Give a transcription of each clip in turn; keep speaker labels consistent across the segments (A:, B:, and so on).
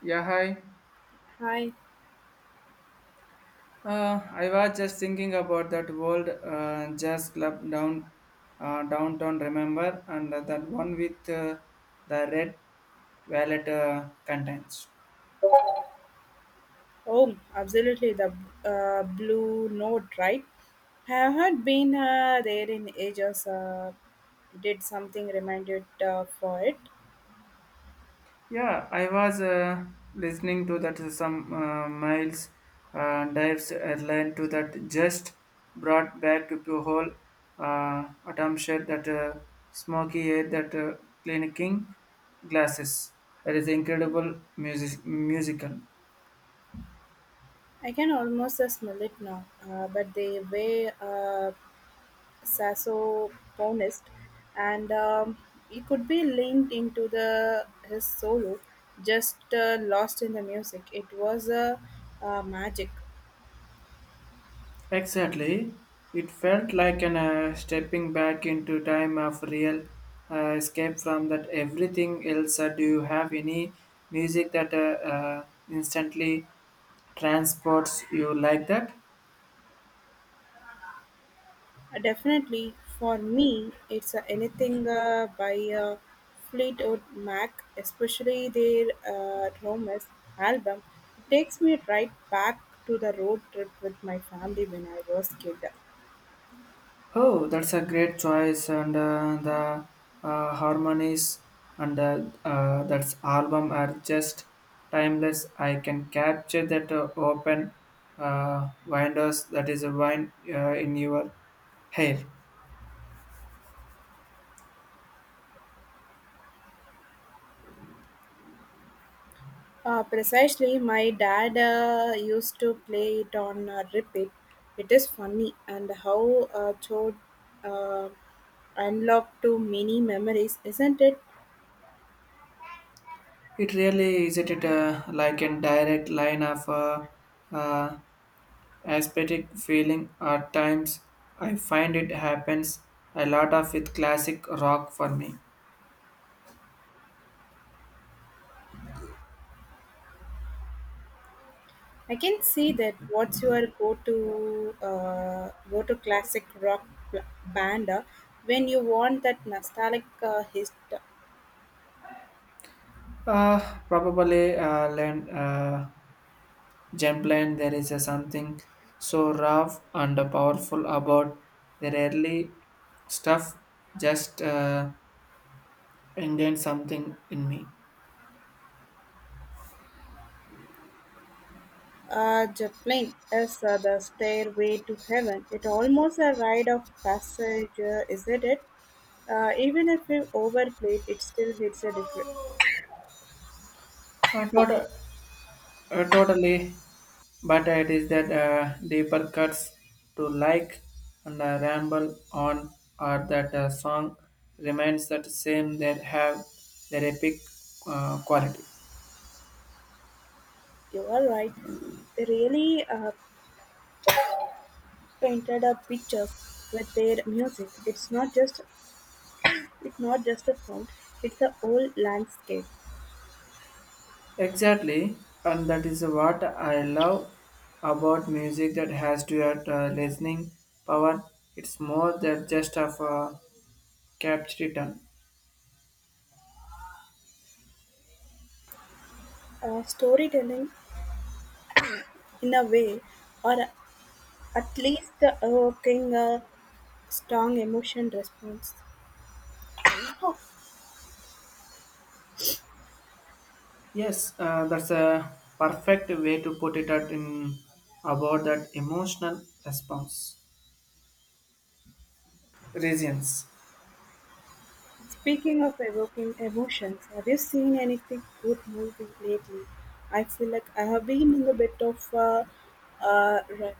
A: Yeah, hi.
B: Hi.
A: I was just thinking about that old jazz club down downtown. Remember, and that one with the red violet contents.
B: Oh, absolutely. The Blue Note, right? Have not been there in ages. Did something reminded for it.
A: Yeah, I was listening to that some miles dives airline to that just brought back to whole atmosphere that smoky air that clinking glasses. That is incredible music musical.
B: I can almost smell it now. But they were sassophonist, and he could be linked into the his solo, just lost in the music. It was a magic.
A: Exactly. It felt like an stepping back into time of real escape from that everything else. Do you have any music that instantly transports you like that?
B: Definitely, for me, it's anything by Fleetwood Mac, especially their Romas album. It takes me right back to the road trip with my family when I was kid.
A: Oh, that's a great choice, and the harmonies and that album are just timeless. I can capture that open windows that is a wine in your hair.
B: Precisely, my dad used to play it on repeat. It is funny and how Chod uh, unlocked to many memories, isn't it?
A: It really isn't it like a direct line of uh, aesthetic feeling at times. I find it happens a lot of with classic rock for me.
B: I can see that. What's your go-to classic rock band when you want that nostalgic hit?
A: Uh, probably land, Gemland, there is a something so rough and powerful about the early stuff, just indent something in me.
B: Joplin is the stairway to heaven. It almost a rite of passage, isn't it? Even if you overplayed, it still hits a different.
A: I thought. Totally, but it is that deeper cuts to like and ramble on, or that song remains that same that have their epic quality.
B: You are right. They really painted a picture with their music. It's not just a sound. It's a whole landscape.
A: Exactly, and that is what I love about music that has to have listening power. It's more than just of a capture return.
B: Storytelling in a way, or at least evoking a strong emotion response.
A: Yes, that's a perfect way to put it at in about that emotional response reasons.
B: Speaking of evoking emotions, have you seen anything good movie lately? I feel like I have been in a bit of uh, re-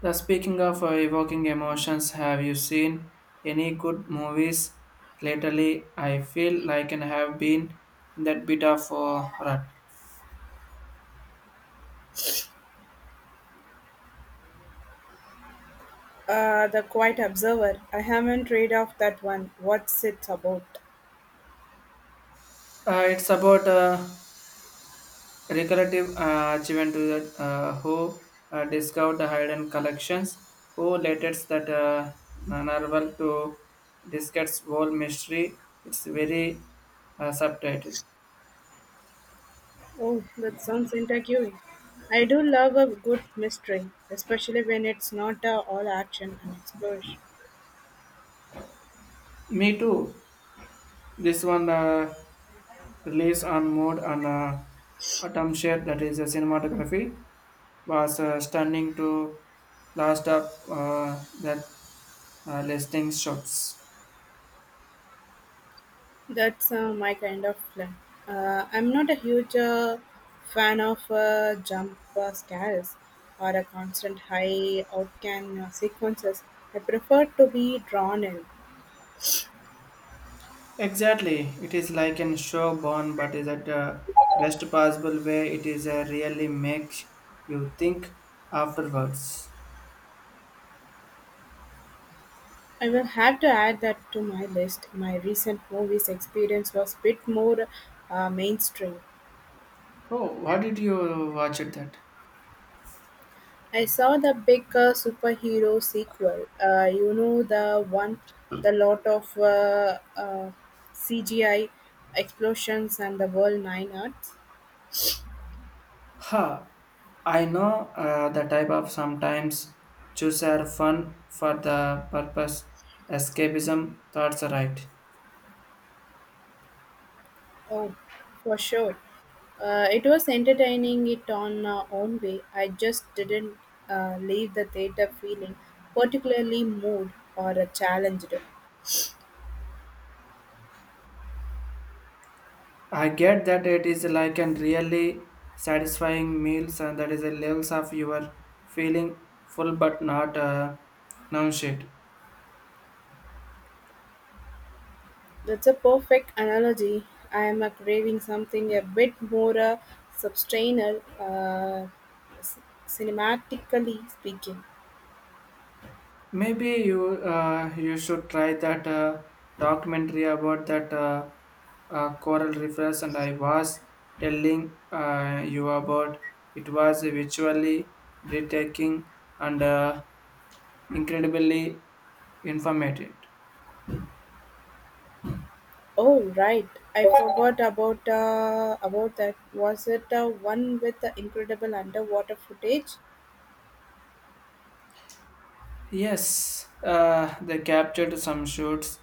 A: The speaking of evoking emotions, have you seen any good movies lately? I feel like I have been in that bit of rut.
B: the quiet observer. I haven't read of that one. What's it about?
A: It's about recurrative achievement to the who discovered the hidden collections, who latest that narval to discuss whole mystery. It's very subtitle.
B: Oh, that sounds intriguing. I do love a good mystery, especially when it's not all action and exploration.
A: Me too. This one released on mood and atom share that is a cinematography was stunning to last up that listing shots.
B: That's my kind of film. I'm not a huge fan of jump scares or a constant high outcan sequences. I prefer to be drawn in.
A: Exactly. It is like an show born, but is at the best possible way. It is a really makes you think afterwards.
B: I will have to add that to my list. My recent movies experience was bit more mainstream.
A: Oh, what did you watch it that?
B: I saw the big superhero sequel. You know the one, the lot of CGI explosions and the world nine arts.
A: Ha! I know the type of sometimes choose are fun for the purpose. Escapism thoughts are right.
B: Oh, for sure. It was entertaining it on our own way. I just didn't leave the theater feeling particularly moved or challenged.
A: I get that it is like a really satisfying meals and that is a levels of your feeling full but not nourished.
B: That's a perfect analogy. I am craving something a bit more substantial, c- cinematically speaking.
A: Maybe you should try that documentary about that coral reefs, and I was telling you about. It was visually breathtaking and incredibly informative.
B: Oh, right. I forgot about that. Was it one with the incredible underwater footage?
A: Yes, they captured some shoots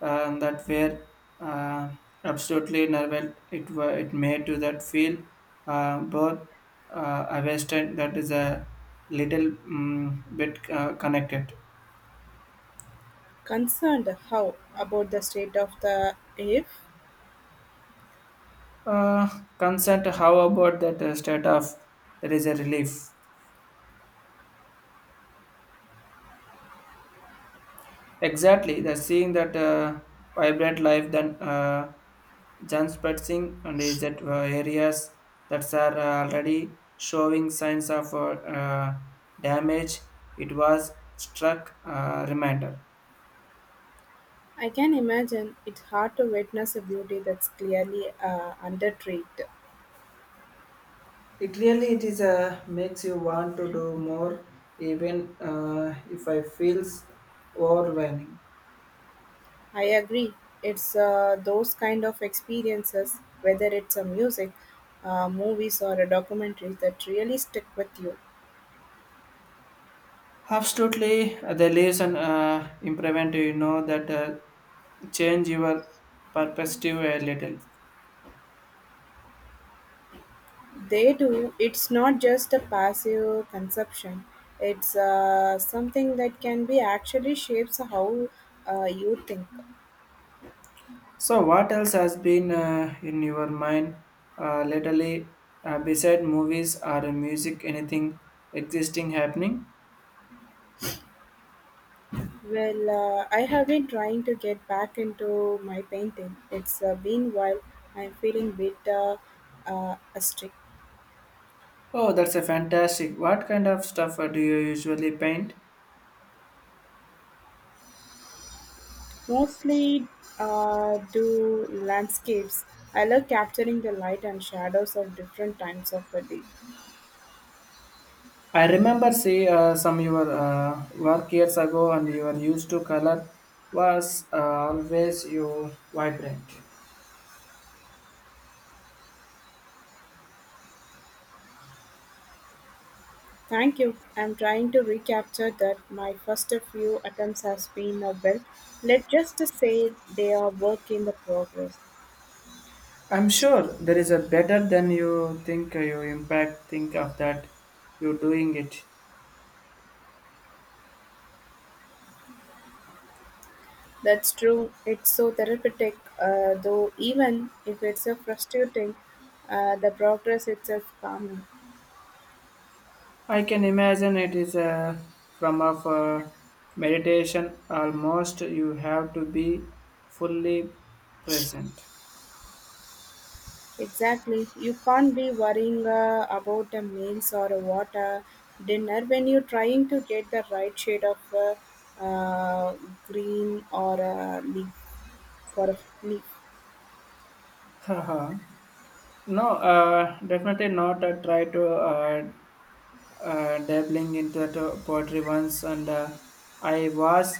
A: that were uh, absolutely nervous. It made to that feel both a western that is a little bit connected.
B: Concerned how about the state of the if?
A: Uh, consent. How about that state of there is a relief. Exactly, the seeing that vibrant life then Jan spreading and is that areas that are already showing signs of uh, damage. It was struck reminder.
B: I can imagine it's hard to witness a beauty that's clearly undertreated.
A: It really it is a makes you want to do more, even if I feels overwhelming.
B: I agree. It's those kind of experiences, whether it's a music, movies, or a documentary, that really stick with you.
A: Absolutely, the leaves and improvement. You know that change your perspective a little.
B: They do. It's not just a passive consumption. It's something that can be actually shapes how you think.
A: So, what else has been in your mind lately, beside movies or music? Anything existing happening?
B: Well, I have been trying to get back into my painting. It's been while. I'm feeling a bit asterisk.
A: Oh, that's a fantastic. What kind of stuff do you usually paint?
B: Mostly do landscapes. I love capturing the light and shadows of different times of the day.
A: I remember see some your work years ago, and your used to color was always you vibrant.
B: Thank you. I'm trying to recapture that. My first few attempts has been a well. Let's just say they are work in the progress.
A: I'm sure there is a better than you think you impact. Think of that, you're doing it.
B: That's true. It's so therapeutic, though, even if it's so frustrating, the progress itself calming.
A: I can imagine it is a from of a meditation almost you have to be fully present.
B: Exactly. You can't be worrying about the meals or a water dinner when you're trying to get the right shade of uh, green or a leaf for a leaf.
A: Haha, no, definitely not. I try to dabbling into the poetry once, and I was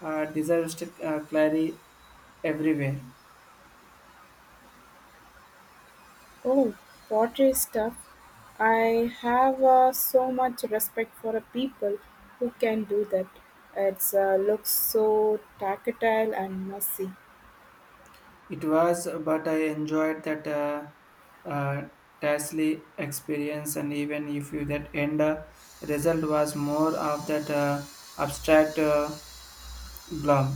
A: disaster clarity everywhere.
B: Oh, pottery stuff. I have so much respect for a people who can do that. It looks so tactile and messy.
A: It was, but I enjoyed that uh, tasty experience, and even if you, that end result was more of that abstract blob.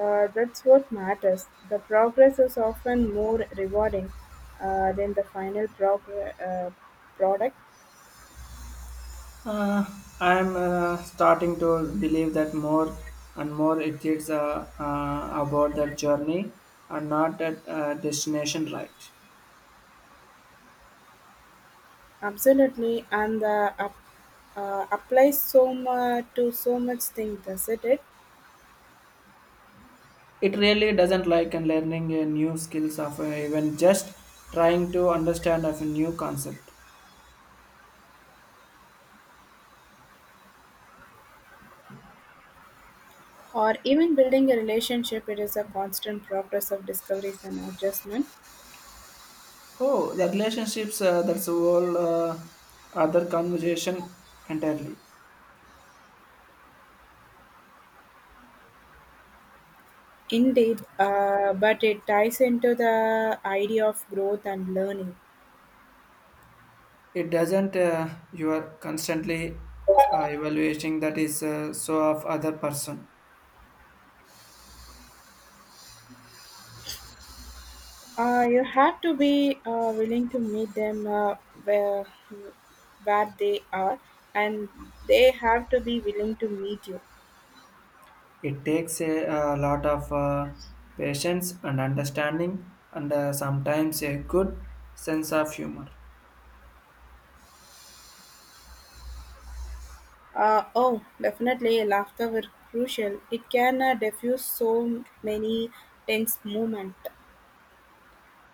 B: That's what matters. The progress is often more rewarding than the final product.
A: Uh, I'm starting to believe that more and more it is about that journey and not that destination, right?
B: Absolutely, and the up, applies so much to so much thing, does it?
A: It really doesn't like and learning new skills of even just trying to understand of a new concept.
B: Or even building a relationship, it is a constant progress of discoveries and adjustment.
A: Oh, the relationships, that's a whole other conversation entirely.
B: Indeed, but it ties into the idea of growth and learning.
A: It doesn't, you are constantly evaluating that is so of other person.
B: You have to be willing to meet them where, where they are, and they have to be willing to meet you.
A: It takes a lot of patience and understanding and sometimes a good sense of humor.
B: Oh, definitely, laughter were crucial. It can diffuse so many tense moments.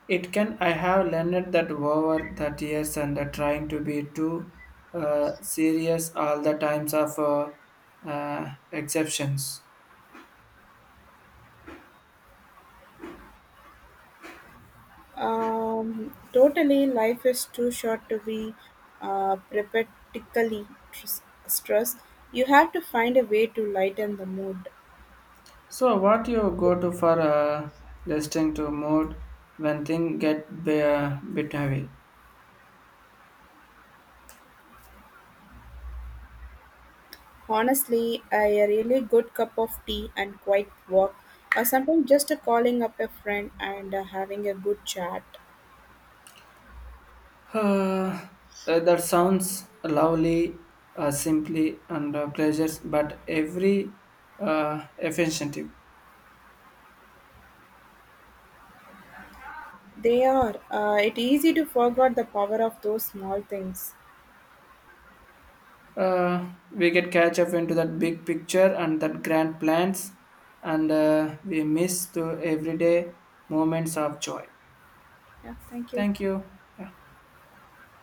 A: It can, I have learned that over that years and trying to be too serious all the times of exceptions.
B: Totally, life is too short to be perpetually stressed. You have to find a way to lighten the mood.
A: So, what you go to for listening to mood when things get be, bit heavy?
B: Honestly, a really good cup of tea and quiet walk, or sometimes just a calling up a friend and having a good chat.
A: Uh, that sounds lovely, simply, and pleasures, but every efficient.
B: They are. It easy to forget the power of those small things.
A: We get catch up into that big picture and that grand plans, and we miss the everyday moments of joy.
B: Yeah, thank you.
A: Thank you. Yeah.